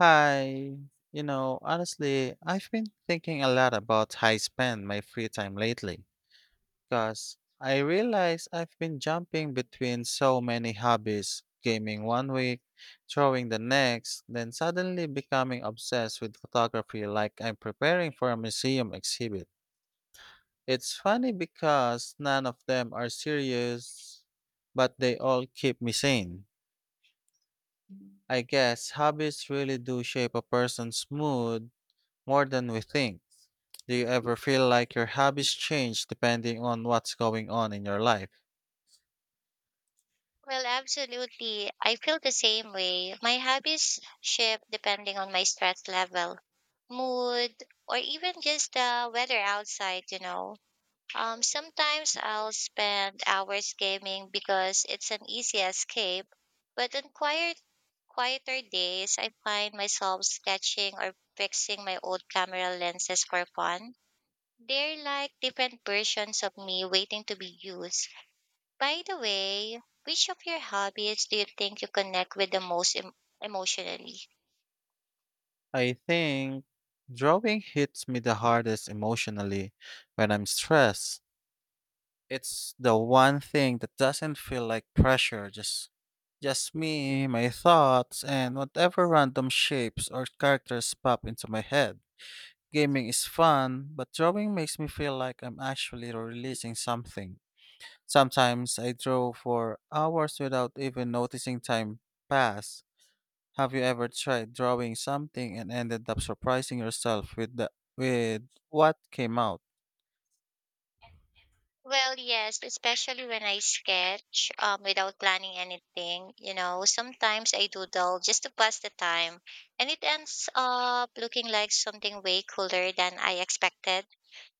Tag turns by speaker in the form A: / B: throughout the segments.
A: Hi. You know, honestly, I've been thinking a lot about how I spend my free time lately because I realize I've been jumping between so many hobbies, gaming one week, drawing the next, then suddenly becoming obsessed with photography like I'm preparing for a museum exhibit. It's funny because none of them are serious, but they all keep me sane. I guess hobbies really do shape a person's mood more than we think. Do you ever feel like your hobbies change depending on what's going on in your life?
B: Well, absolutely. I feel the same way. My hobbies shift depending on my stress level, mood, or even just the weather outside, sometimes I'll spend hours gaming because it's an easy escape, but on quieter days, I find myself sketching or fixing my old camera lenses for fun. They're like different versions of me waiting to be used. By the way, which of your hobbies do you think you connect with the most emotionally?
A: I think drawing hits me the hardest emotionally when I'm stressed. It's the one thing that doesn't feel like pressure, just me, my thoughts, and whatever random shapes or characters pop into my head. Gaming is fun, but drawing makes me feel like I'm actually releasing something. Sometimes I draw for hours without even noticing time pass. Have you ever tried drawing something and ended up surprising yourself with the with what came out?
B: Well, yes, especially when I sketch without planning anything. You know, sometimes I doodle just to pass the time, and it ends up looking like something way cooler than I expected.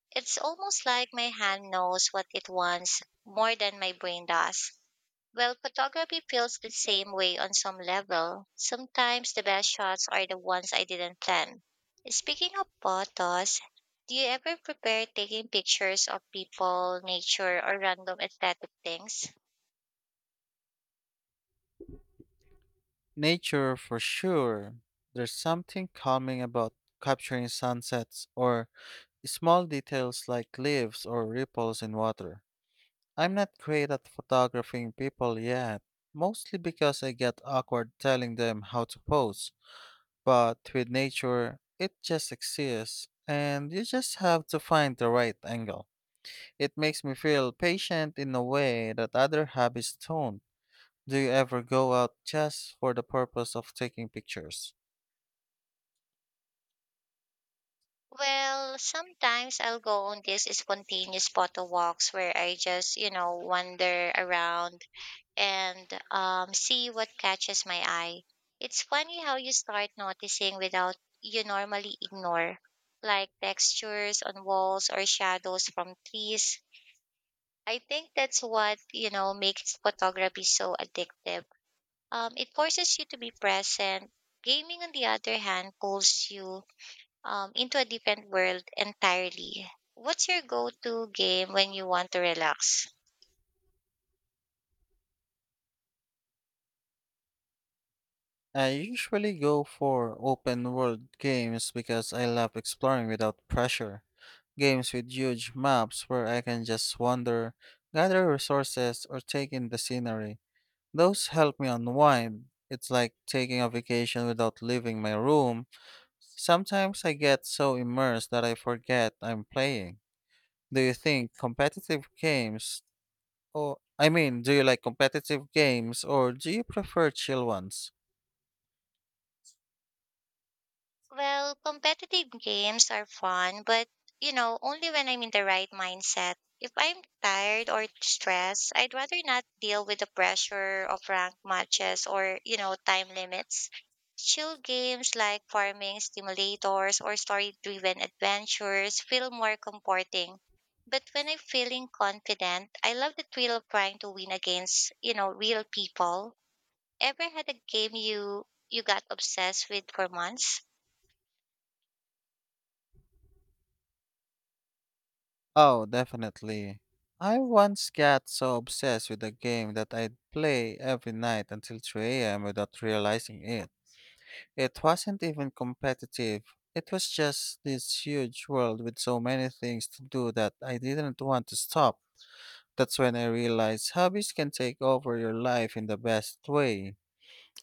B: It's almost like my hand knows what it wants more than my brain does. Well, photography feels the same way on some level. Sometimes the best shots are the ones I didn't plan. Speaking of photos, do you ever prepare taking pictures of people, nature, or random aesthetic things?
A: Nature for sure. There's something calming about capturing sunsets or small details like leaves or ripples in water. I'm not great at photographing people yet, mostly because I get awkward telling them how to pose. But with nature, it just exists, and you just have to find the right angle. It makes me feel patient in a way that other hobbies don't. Do you ever go out just for the purpose of taking pictures?
B: Well, sometimes I'll go on these spontaneous photo walks where I just, you know, wander around and see what catches my eye. It's funny how you start noticing without you normally ignore, like textures on walls or shadows from trees. I think that's what, you know, makes photography so addictive. It forces you to be present. Gaming, on the other hand, pulls you into a different world entirely. What's your go to game when you want to relax?
A: I usually go for open world games because I love exploring without pressure. Games with huge maps where I can just wander, gather resources, or take in the scenery. Those help me unwind. It's like taking a vacation without leaving my room. Sometimes I get so immersed that I forget I'm playing. Do you think competitive games or I mean, do you like competitive games or do you prefer chill ones?
B: Well, competitive games are fun, but you know, only when I'm in the right mindset. If I'm tired or stressed, I'd rather not deal with the pressure of ranked matches or, you know, time limits. Chill games like farming simulators or story-driven adventures feel more comforting. But when I'm feeling confident, I love the thrill of trying to win against, you know, real people. Ever had a game you got obsessed with for months?
A: Oh, definitely. I once got so obsessed with a game that I'd play every night until 3 a.m. without realizing it. It wasn't even competitive. It was just this huge world with so many things to do that I didn't want to stop. That's when I realized hobbies can take over your life in the best way.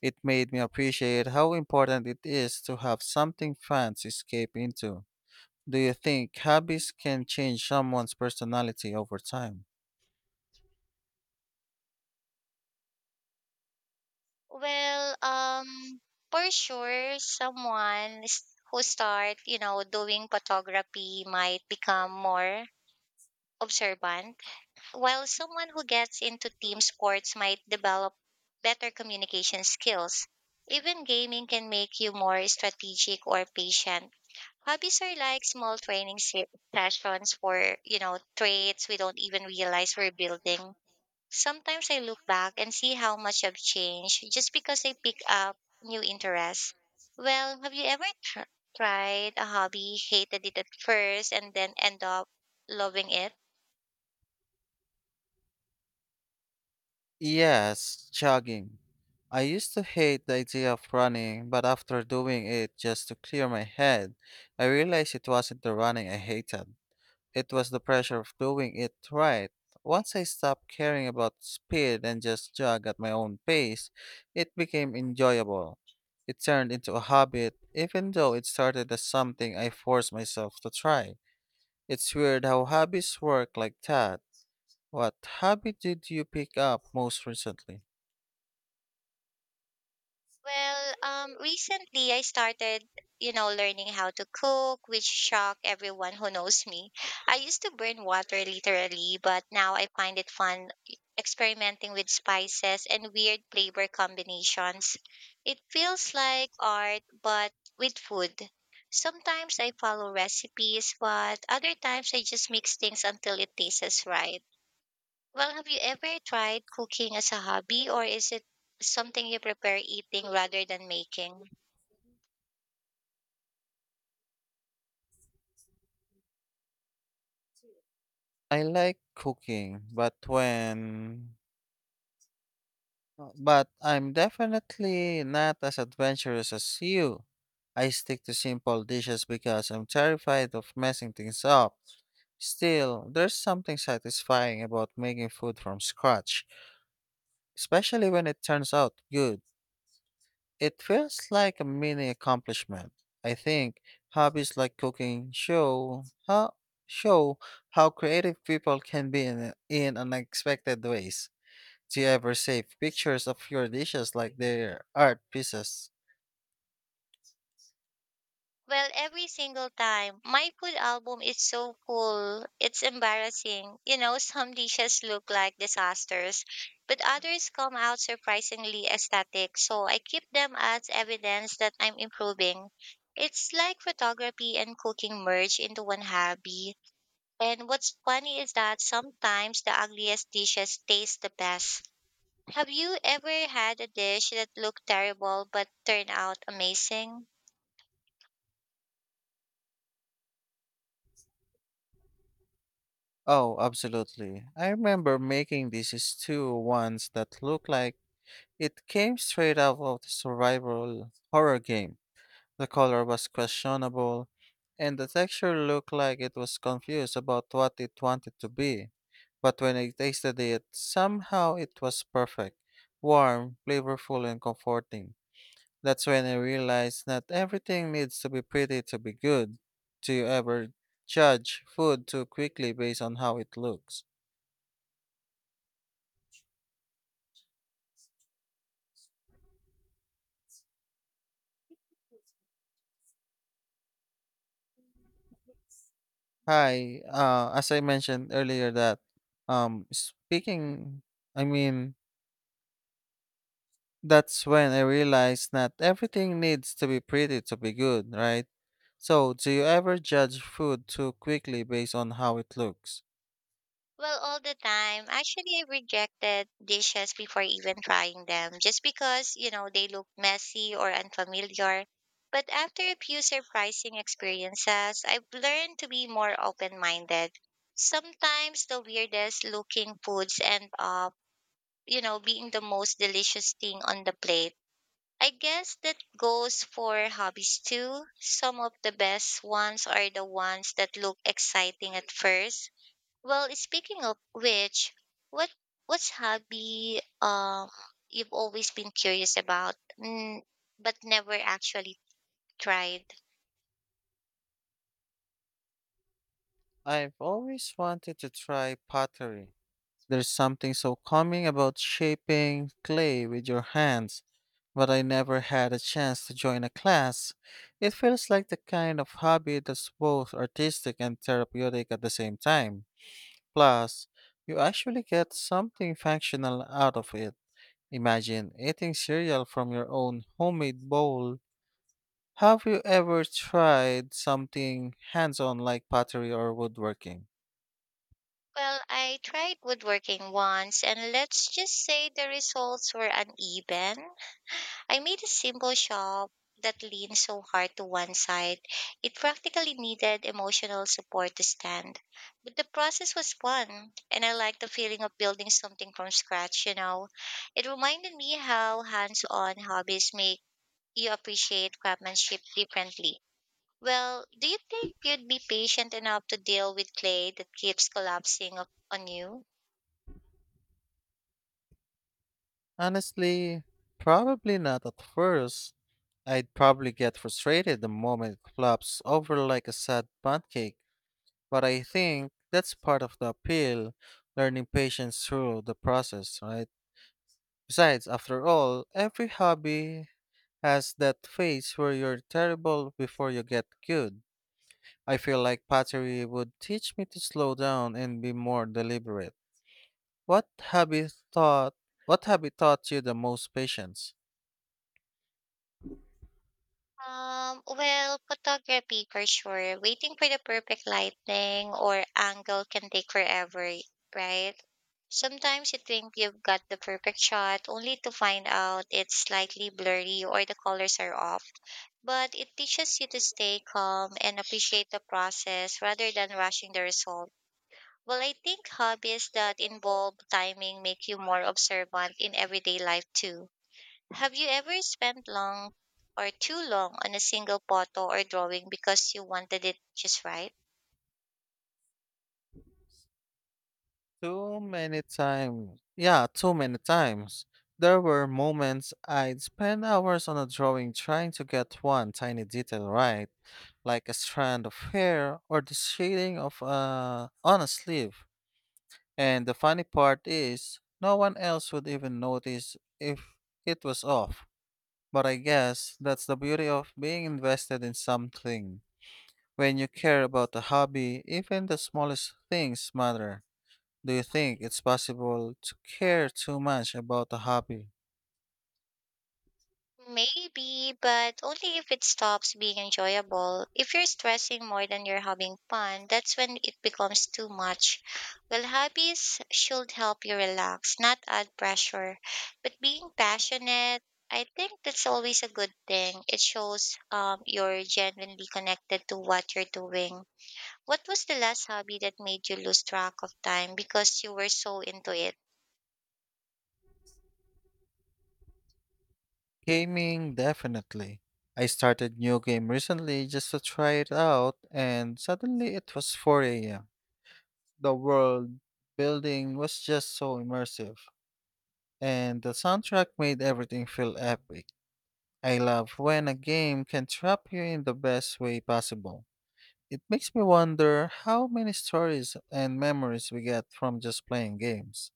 A: It made me appreciate how important it is to have something fun to escape into. Do you think hobbies can change someone's personality over time?
B: Well, um, for sure, someone who start, you know, doing photography might become more observant, while someone who gets into team sports might develop better communication skills. Even gaming can make you more strategic or patient. Hobbies are like small training sessions for, you know, traits we don't even realize we're building. Sometimes I look back and see how much I've changed just because I pick up new interests. Well, have you ever tried a hobby, hated it at first, and then end up loving it?
A: Yes, jogging. I used to hate the idea of running, but after doing it just to clear my head, I realized it wasn't the running I hated. It was the pressure of doing it right. Once I stopped caring about speed and just jog at my own pace, it became enjoyable. It turned into a habit, even though it started as something I forced myself to try. It's weird how hobbies work like that. What hobby did you pick up most recently?
B: Recently I started, you know, learning how to cook, which shocked everyone who knows me. I used to burn water literally, but now I find it fun experimenting with spices and weird flavor combinations. It feels like art, but with food. Sometimes I follow recipes, but other times I just mix things until it tastes right. Well, have you ever tried cooking as a hobby, or is it something you prepare eating rather than making?
A: I like cooking, but when but I'm definitely not as adventurous as you. I stick to simple dishes because I'm terrified of messing things up. Still, there's something satisfying about making food from scratch, especially when it turns out good. It feels like a mini accomplishment. I think hobbies like cooking show how creative people can be in unexpected ways. Do you ever save pictures of your dishes like they're art pieces?
B: Well, every single time. My food album is so full, it's embarrassing. You know, some dishes look like disasters, but others come out surprisingly aesthetic, so I keep them as evidence that I'm improving. It's like photography and cooking merge into one hobby. And what's funny is that sometimes the ugliest dishes taste the best. Have you ever had a dish that looked terrible but turned out amazing?
A: Oh, absolutely. I remember making this stew once that looked like it came straight out of the survival horror game. The color was questionable, and the texture looked like it was confused about what it wanted to be. But when I tasted it, somehow it was perfect, warm, flavorful, and comforting. That's when I realized not everything needs to be pretty to be good. Do you ever judge food too quickly based on how it looks? Hi, as I mentioned earlier um speaking I mean that's when I realized not everything needs to be pretty to be good, right? So, do you ever judge food too quickly based on how it looks?
B: Well, all the time. Actually, I rejected dishes before even trying them just because, you know, they looked messy or unfamiliar. But after a few surprising experiences, I've learned to be more open minded. Sometimes the weirdest looking foods end up, you know, being the most delicious thing on the plate. I guess that goes for hobbies too. Some of the best ones are the ones that look exciting at first. Well, speaking of which, what what's hobby you've always been curious about, mm, but never actually tried?
A: I've always wanted to try pottery. There's something so calming about shaping clay with your hands, but I never had a chance to join a class. It feels like the kind of hobby that's both artistic and therapeutic at the same time. Plus, you actually get something functional out of it. Imagine eating cereal from your own homemade bowl. Have you ever tried something hands on like pottery or woodworking?
B: Well, I tried woodworking once, and let's just say the results were uneven. I made a simple shop that leaned so hard to one side it practically needed emotional support to stand. But the process was fun, and I liked the feeling of building something from scratch, you know. It reminded me how hands on hobbies make you appreciate craftsmanship differently. Well, do you think you'd be patient enough to deal with clay that keeps collapsing up on you?
A: Honestly, probably not at first. I'd probably get frustrated the moment it flops over like a sad pancake, but I think that's part of the appeal, learning patience through the process, right? Besides, after all, every hobby has that phase where you're terrible before you get good. I feel like pottery would teach me to slow down and be more deliberate. What hobby thought what hobby taught you the most patience?
B: Photography for sure. Waiting for the perfect lighting or angle can take forever, right? Sometimes you think you've got the perfect shot only to find out it's slightly blurry or the colors are off. But it teaches you to stay calm and appreciate the process rather than rushing the result. Well, I think hobbies that involve timing make you more observant in everyday life too. Have you ever spent long or too long on a single photo or drawing because you wanted it just right?
A: Too many times. Yeah, too many times. There were moments I'd spend hours on a drawing trying to get one tiny detail right, like a strand of hair or the shading of a on a sleeve. And the funny part is, no one else would even notice if it was off. But I guess that's the beauty of being invested in something. When you care about a hobby, even the smallest things matter. Do you think it's possible to care too much about a hobby?
B: Maybe, but only if it stops being enjoyable. If you're stressing more than you're having fun, that's when it becomes too much. Well, hobbies should help you relax, not add pressure. But being passionate, I think that's always a good thing. It shows you're genuinely connected to what you're doing. What was the last hobby that made you lose track of time because you were so into it?
A: Gaming, definitely. I started new game recently just to try it out and suddenly it was 4 a.m. The world building was just so immersive and the soundtrack made everything feel epic. I love when a game can trap you in the best way possible. It makes me wonder how many stories and memories we get from just playing games.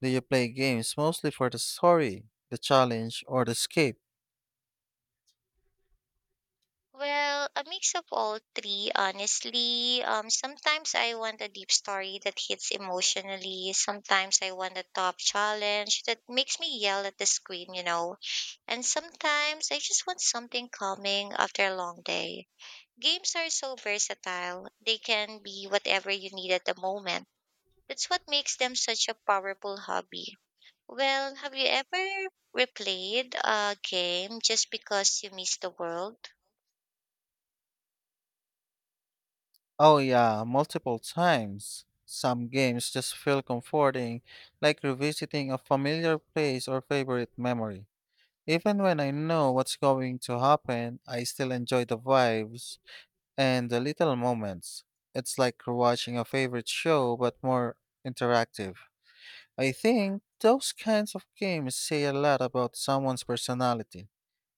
A: Do you play games mostly for the story, the challenge, or the escape?
B: A mix of all three, honestly. Sometimes I want a deep story that hits emotionally. Sometimes I want a top challenge that makes me yell at the screen, you know. And sometimes I just want something calming after a long day. Games are so versatile. They can be whatever you need at the moment. That's what makes them such a powerful hobby. Well, have you ever replayed a game just because you miss the world?
A: Oh, yeah, multiple times. Some games just feel comforting, like revisiting a familiar place or favorite memory. Even when I know what's going to happen, I still enjoy the vibes and the little moments. It's like watching a favorite show, but more interactive. I think those kinds of games say a lot about someone's personality.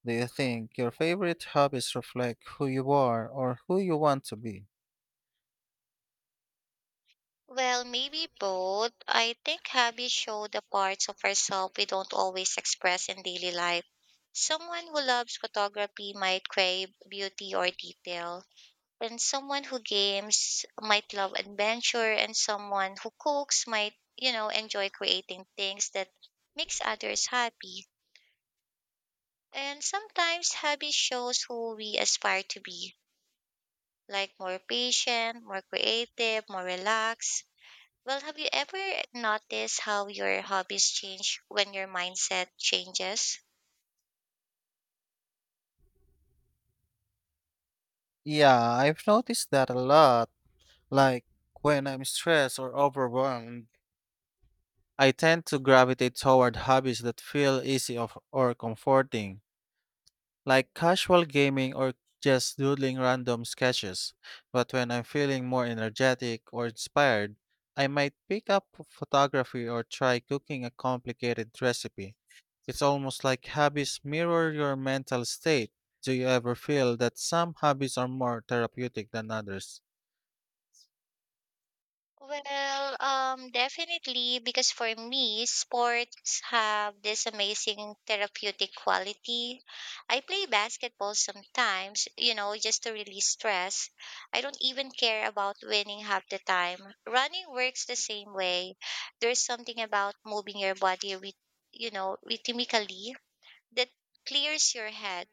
A: Do you think your favorite hobbies reflect who you are or who you want to be?
B: Well, maybe both. I think hobbies show the parts of ourselves we don't always express in daily life. Someone who loves photography might crave beauty or detail, and someone who games might love adventure, and someone who cooks might, you know, enjoy creating things that makes others happy. And sometimes hobby shows who we aspire to be like more patient, more creative, more relaxed. Well, have you ever noticed how your hobbies change when your mindset changes?
A: Yeah, I've noticed that a lot. Like when I'm stressed or overwhelmed, I tend to gravitate toward hobbies that feel easy or comforting, like casual gaming or just doodling random sketches. But when I'm feeling more energetic or inspired, I might pick up photography or try cooking a complicated recipe. It's almost like hobbies mirror your mental state. Do you ever feel that some hobbies are more therapeutic than others?
B: Definitely, because for me, sports have this amazing therapeutic quality. I play basketball sometimes, you know, just to release stress. I don't even care about winning half the time. Running works the same way. There's something about moving your body with, you know, rhythmically that clears your head.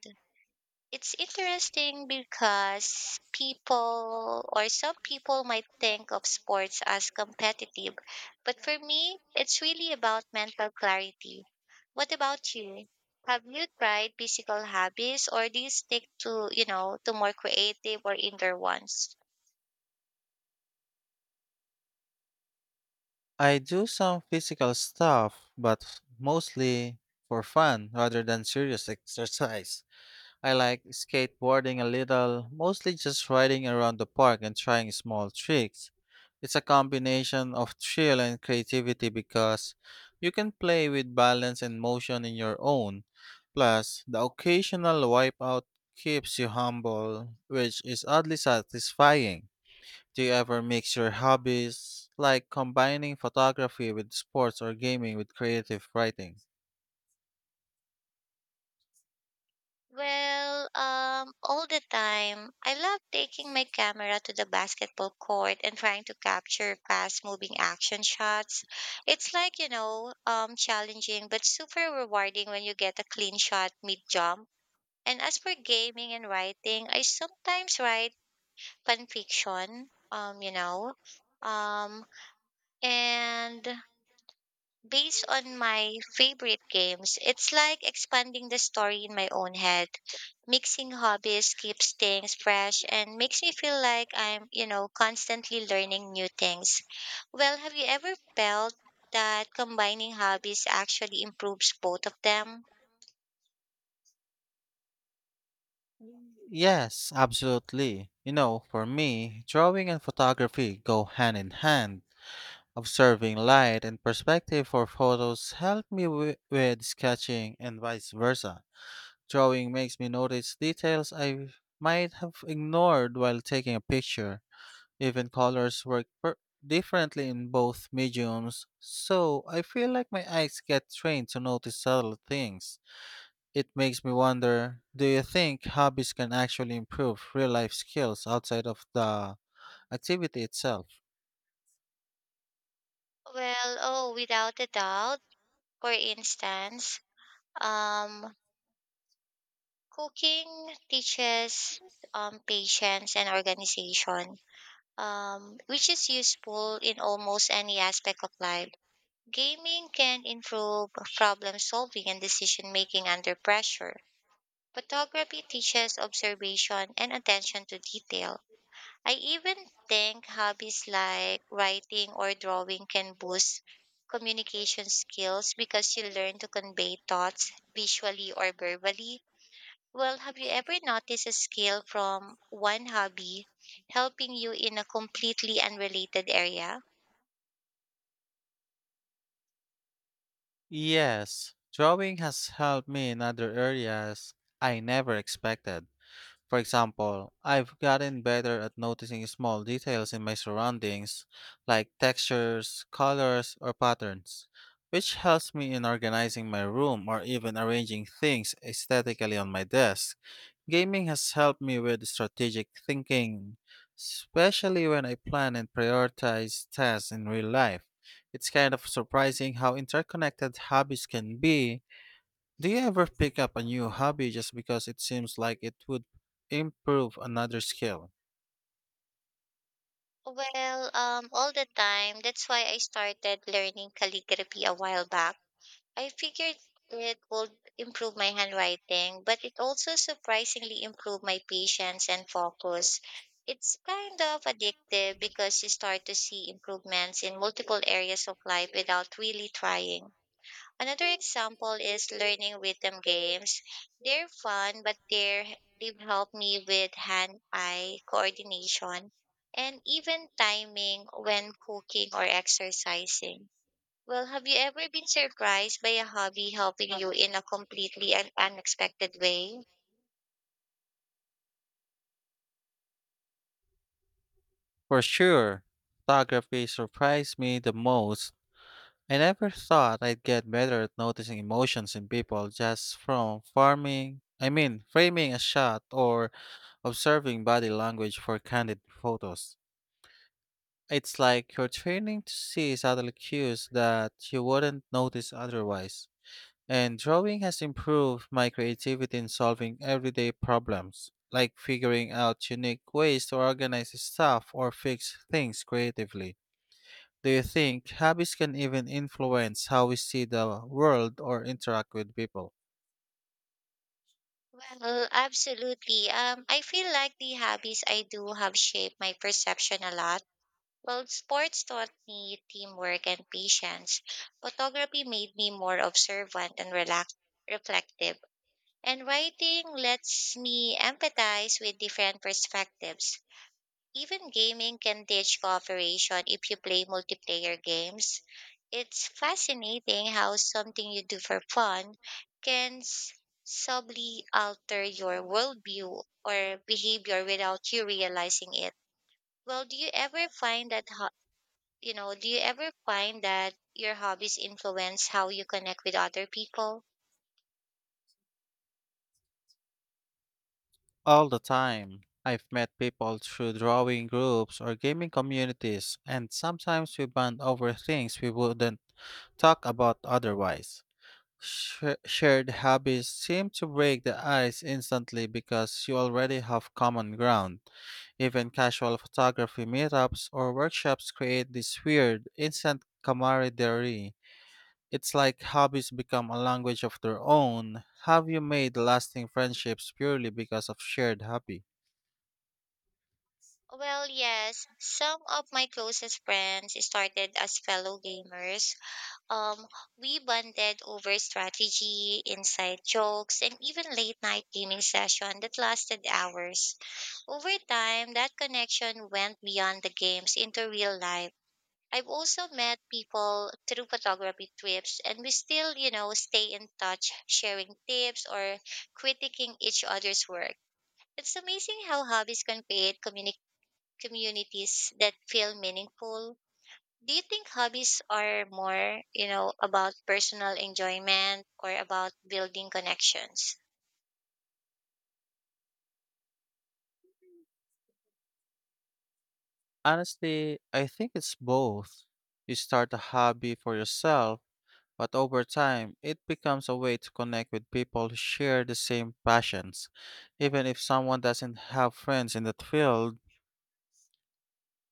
B: It's interesting because people or some people might think of sports as competitive, but for me, it's really about mental clarity. What about you? Have you tried physical hobbies or do you stick to, you know, to more creative or indoor ones?
A: I do some physical stuff, but mostly for fun rather than serious exercise. I like skateboarding a little, mostly just riding around the park and trying small tricks. It's a combination of thrill and creativity because you can play with balance and motion in your own. Plus, the occasional wipeout keeps you humble, which is oddly satisfying. Do you ever mix your hobbies, like combining photography with sports or gaming with creative writing?
B: All the time. I love taking my camera to the basketball court and trying to capture fast moving action shots. It's like, you know, challenging but super rewarding when you get a clean shot mid jump. And as for gaming and writing, I sometimes write fan fiction, you know, um, and based on my favorite games, it's like expanding the story in my own head. Mixing hobbies keeps things fresh and makes me feel like I'm, you know, constantly learning new things. Well, have you ever felt that combining hobbies actually improves both of them?
A: Yes, absolutely. You know, for me, drawing and photography go hand in hand. Observing light and perspective for photos help me with sketching and vice versa. Drawing makes me notice details I might have ignored while taking a picture. Even colors work differently in both mediums, so I feel like my eyes get trained to notice subtle things. It makes me wonder, do you think hobbies can actually improve real life skills outside of the activity itself?
B: Well, oh, without a doubt. For instance, um, cooking teaches patience and organization which is useful in almost any aspect of life. Gaming can improve problem solving and decision making under pressure. Photography teaches observation and attention to detail. I even think hobbies like writing or drawing can boost communication skills because you learn to convey thoughts visually or verbally. Well, have you ever noticed a skill from one hobby helping you in a completely unrelated area?
A: Yes, drawing has helped me in other areas I never expected. For example, I've gotten better at noticing small details in my surroundings, like textures, colors, or patterns, which helps me in organizing my room or even arranging things aesthetically on my desk. Gaming has helped me with strategic thinking, especially when I plan and prioritize tasks in real life. It's kind of surprising how interconnected hobbies can be. Do you ever pick up a new hobby just because it seems like it would improve another skill?
B: All the time. That's why I started learning calligraphy a while back. I figured it would improve my handwriting, but it also surprisingly improved my patience and focus. It's kind of addictive because you start to see improvements in multiple areas of life without really trying. Another example is learning rhythm games. They're fun, but they've helped me with hand-eye coordination and even timing when cooking or exercising. Well, have you ever been surprised by a hobby helping you in a completely and unexpected way?
A: For sure, photography surprised me the most. I never thought I'd get better at noticing emotions in people just from I mean, framing a shot or observing body language for candid photos. It's like you're training to see subtle cues that you wouldn't notice otherwise. And drawing has improved my creativity in solving everyday problems, like figuring out unique ways to organize stuff or fix things creatively. Do you think hobbies can even influence how we see the world or interact with people?
B: Well, absolutely. I feel like the hobbies I do have shaped my perception a lot. Well, sports taught me teamwork and patience. Photography made me more observant and reflective. And writing lets me empathize with different perspectives. Even gaming can teach cooperation if you play multiplayer games. It's fascinating how something you do for fun can subtly alter your worldview or behavior without you realizing it. Well, do you ever find that your hobbies influence how you connect with other people?
A: All the time. I've met people through drawing groups or gaming communities, and sometimes we bond over things we wouldn't talk about otherwise. Shared hobbies seem to break the ice instantly because you already have common ground. Even casual photography meetups or workshops create this weird, instant camaraderie. It's like hobbies become a language of their own. Have you made lasting friendships purely because of shared hobby?
B: Well, yes. Some of my closest friends started as fellow gamers. Um, we bonded over strategy, inside jokes, and even late night gaming session that lasted hours. Over time, that connection went beyond the games into real life. I've also met people through photography trips and we still, you know, stay in touch, sharing tips or critiquing each other's work. It's amazing how hobbies can create communities that feel meaningful. Do you think hobbies are more, you know, about personal enjoyment or about building connections?
A: Honestly, I think it's both. You start a hobby for yourself, but over time, it becomes a way to connect with people who share the same passions. Even if someone doesn't have friends in that field,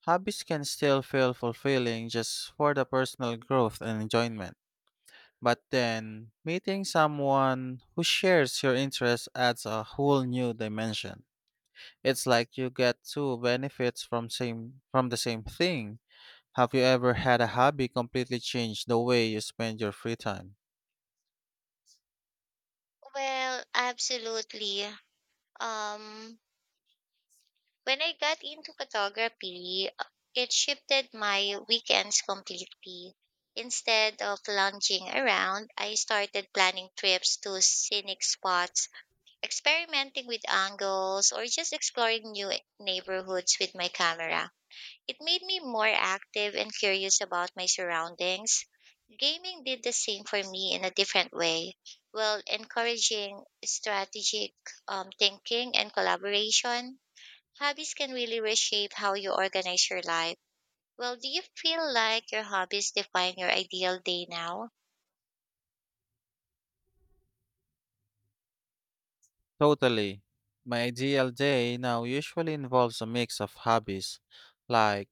A: hobbies can still feel fulfilling just for the personal growth and enjoyment. But then, meeting someone who shares your interests adds a whole new dimension. It's like you get two benefits from the same thing. Have you ever had a hobby completely change the way you spend your free time?
B: Well, absolutely. Um When I got into photography, it shifted my weekends completely. Instead of lounging around, I started planning trips to scenic spots, experimenting with angles, or just exploring new neighborhoods with my camera. It made me more active and curious about my surroundings. Gaming did the same for me in a different way, while encouraging strategic thinking and collaboration. Hobbies can really reshape how you organize your life. Well, do you feel like your hobbies define your ideal day now?
A: Totally. My ideal day now usually involves a mix of hobbies. Like,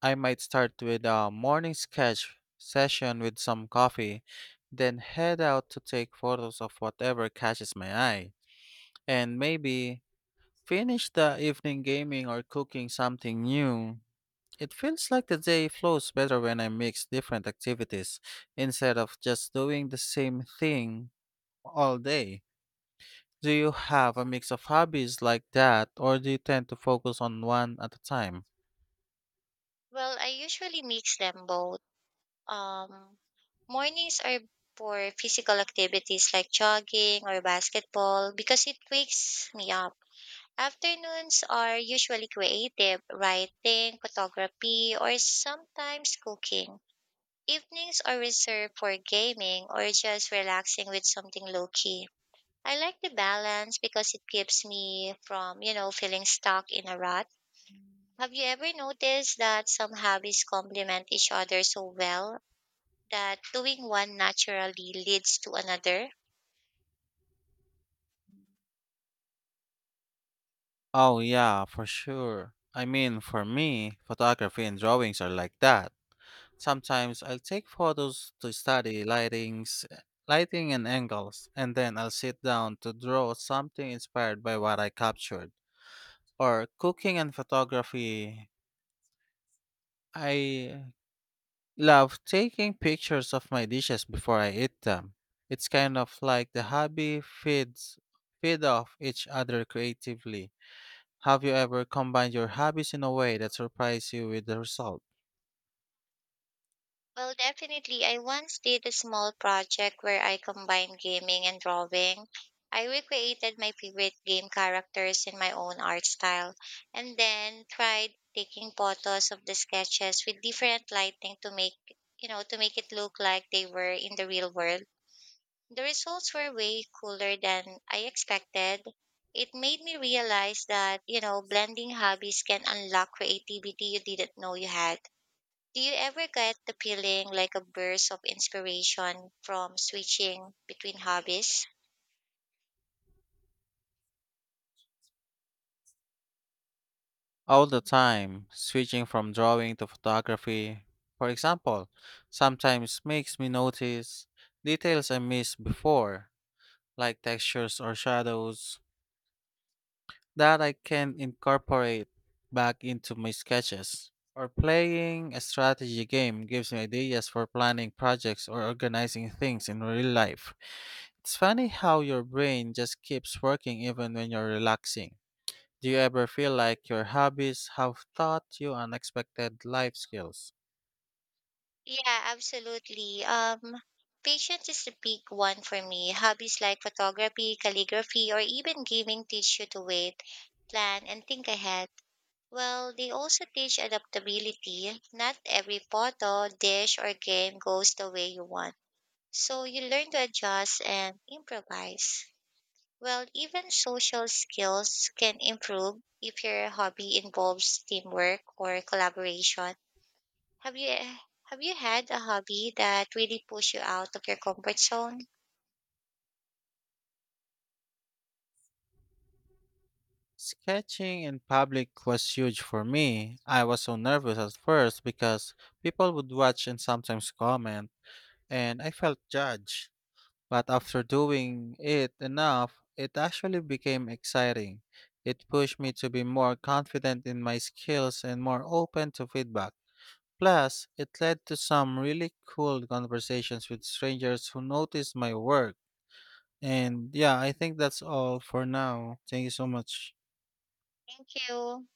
A: I might start with a morning sketch session with some coffee, then head out to take photos of whatever catches my eye, and maybe finish the evening gaming or cooking something new. It feels like the day flows better when I mix different activities instead of just doing the same thing all day. Do you have a mix of hobbies like that, or do you tend to focus on one at a time?
B: Well, I usually mix them both. Um, mornings are for physical activities like jogging or basketball because it wakes me up. Afternoons are usually creative, writing, photography, or sometimes cooking. Evenings are reserved for gaming or just relaxing with something low key. I like the balance because it keeps me from, you know, feeling stuck in a rut. Have you ever noticed that some hobbies complement each other so well that doing one naturally leads to another?
A: Oh, yeah, for sure. I mean, for me, photography and drawings are like that. Sometimes I'll take photos to study lighting and angles, and then I'll sit down to draw something inspired by what I captured. Or cooking and photography, I love taking pictures of my dishes before I eat them. It's kind of like the hobby feed off each other creatively. Have you ever combined your hobbies in a way that surprised you with the result?
B: Well, definitely. I once did a small project where I combined gaming and drawing. I recreated my favorite game characters in my own art style and then tried taking photos of the sketches with different lighting to make, you know, to make it look like they were in the real world. The results were way cooler than I expected. It made me realize that, you know, blending hobbies can unlock creativity you didn't know you had. Do you ever get the feeling like a burst of inspiration from switching between hobbies?
A: All the time, switching from drawing to photography, for example, sometimes makes me notice details I missed before, like textures or shadows that I can incorporate back into my sketches. Or playing a strategy game gives me ideas for planning projects or organizing things in real life. It's funny how your brain just keeps working even when you're relaxing. Do you ever feel like your hobbies have taught you unexpected life skills?
B: Yeah, absolutely. Patience is the big one for me. Hobbies like photography, calligraphy, or even gaming teach you to wait, plan, and think ahead. Well, they also teach adaptability. Not every photo, dish, or game goes the way you want. So you learn to adjust and improvise. Well, even social skills can improve if your hobby involves teamwork or collaboration. Have you have you had a hobby that really pushed you out of your comfort zone?
A: Sketching in public was huge for me. I was so nervous at first because people would watch and sometimes comment, and I felt judged. But after doing it enough, it actually became exciting. It pushed me to be more confident in my skills and more open to feedback. Plus, it led to some really cool conversations with strangers who noticed my work. And yeah, I think that's all for now. Thank you so much.
B: Thank you.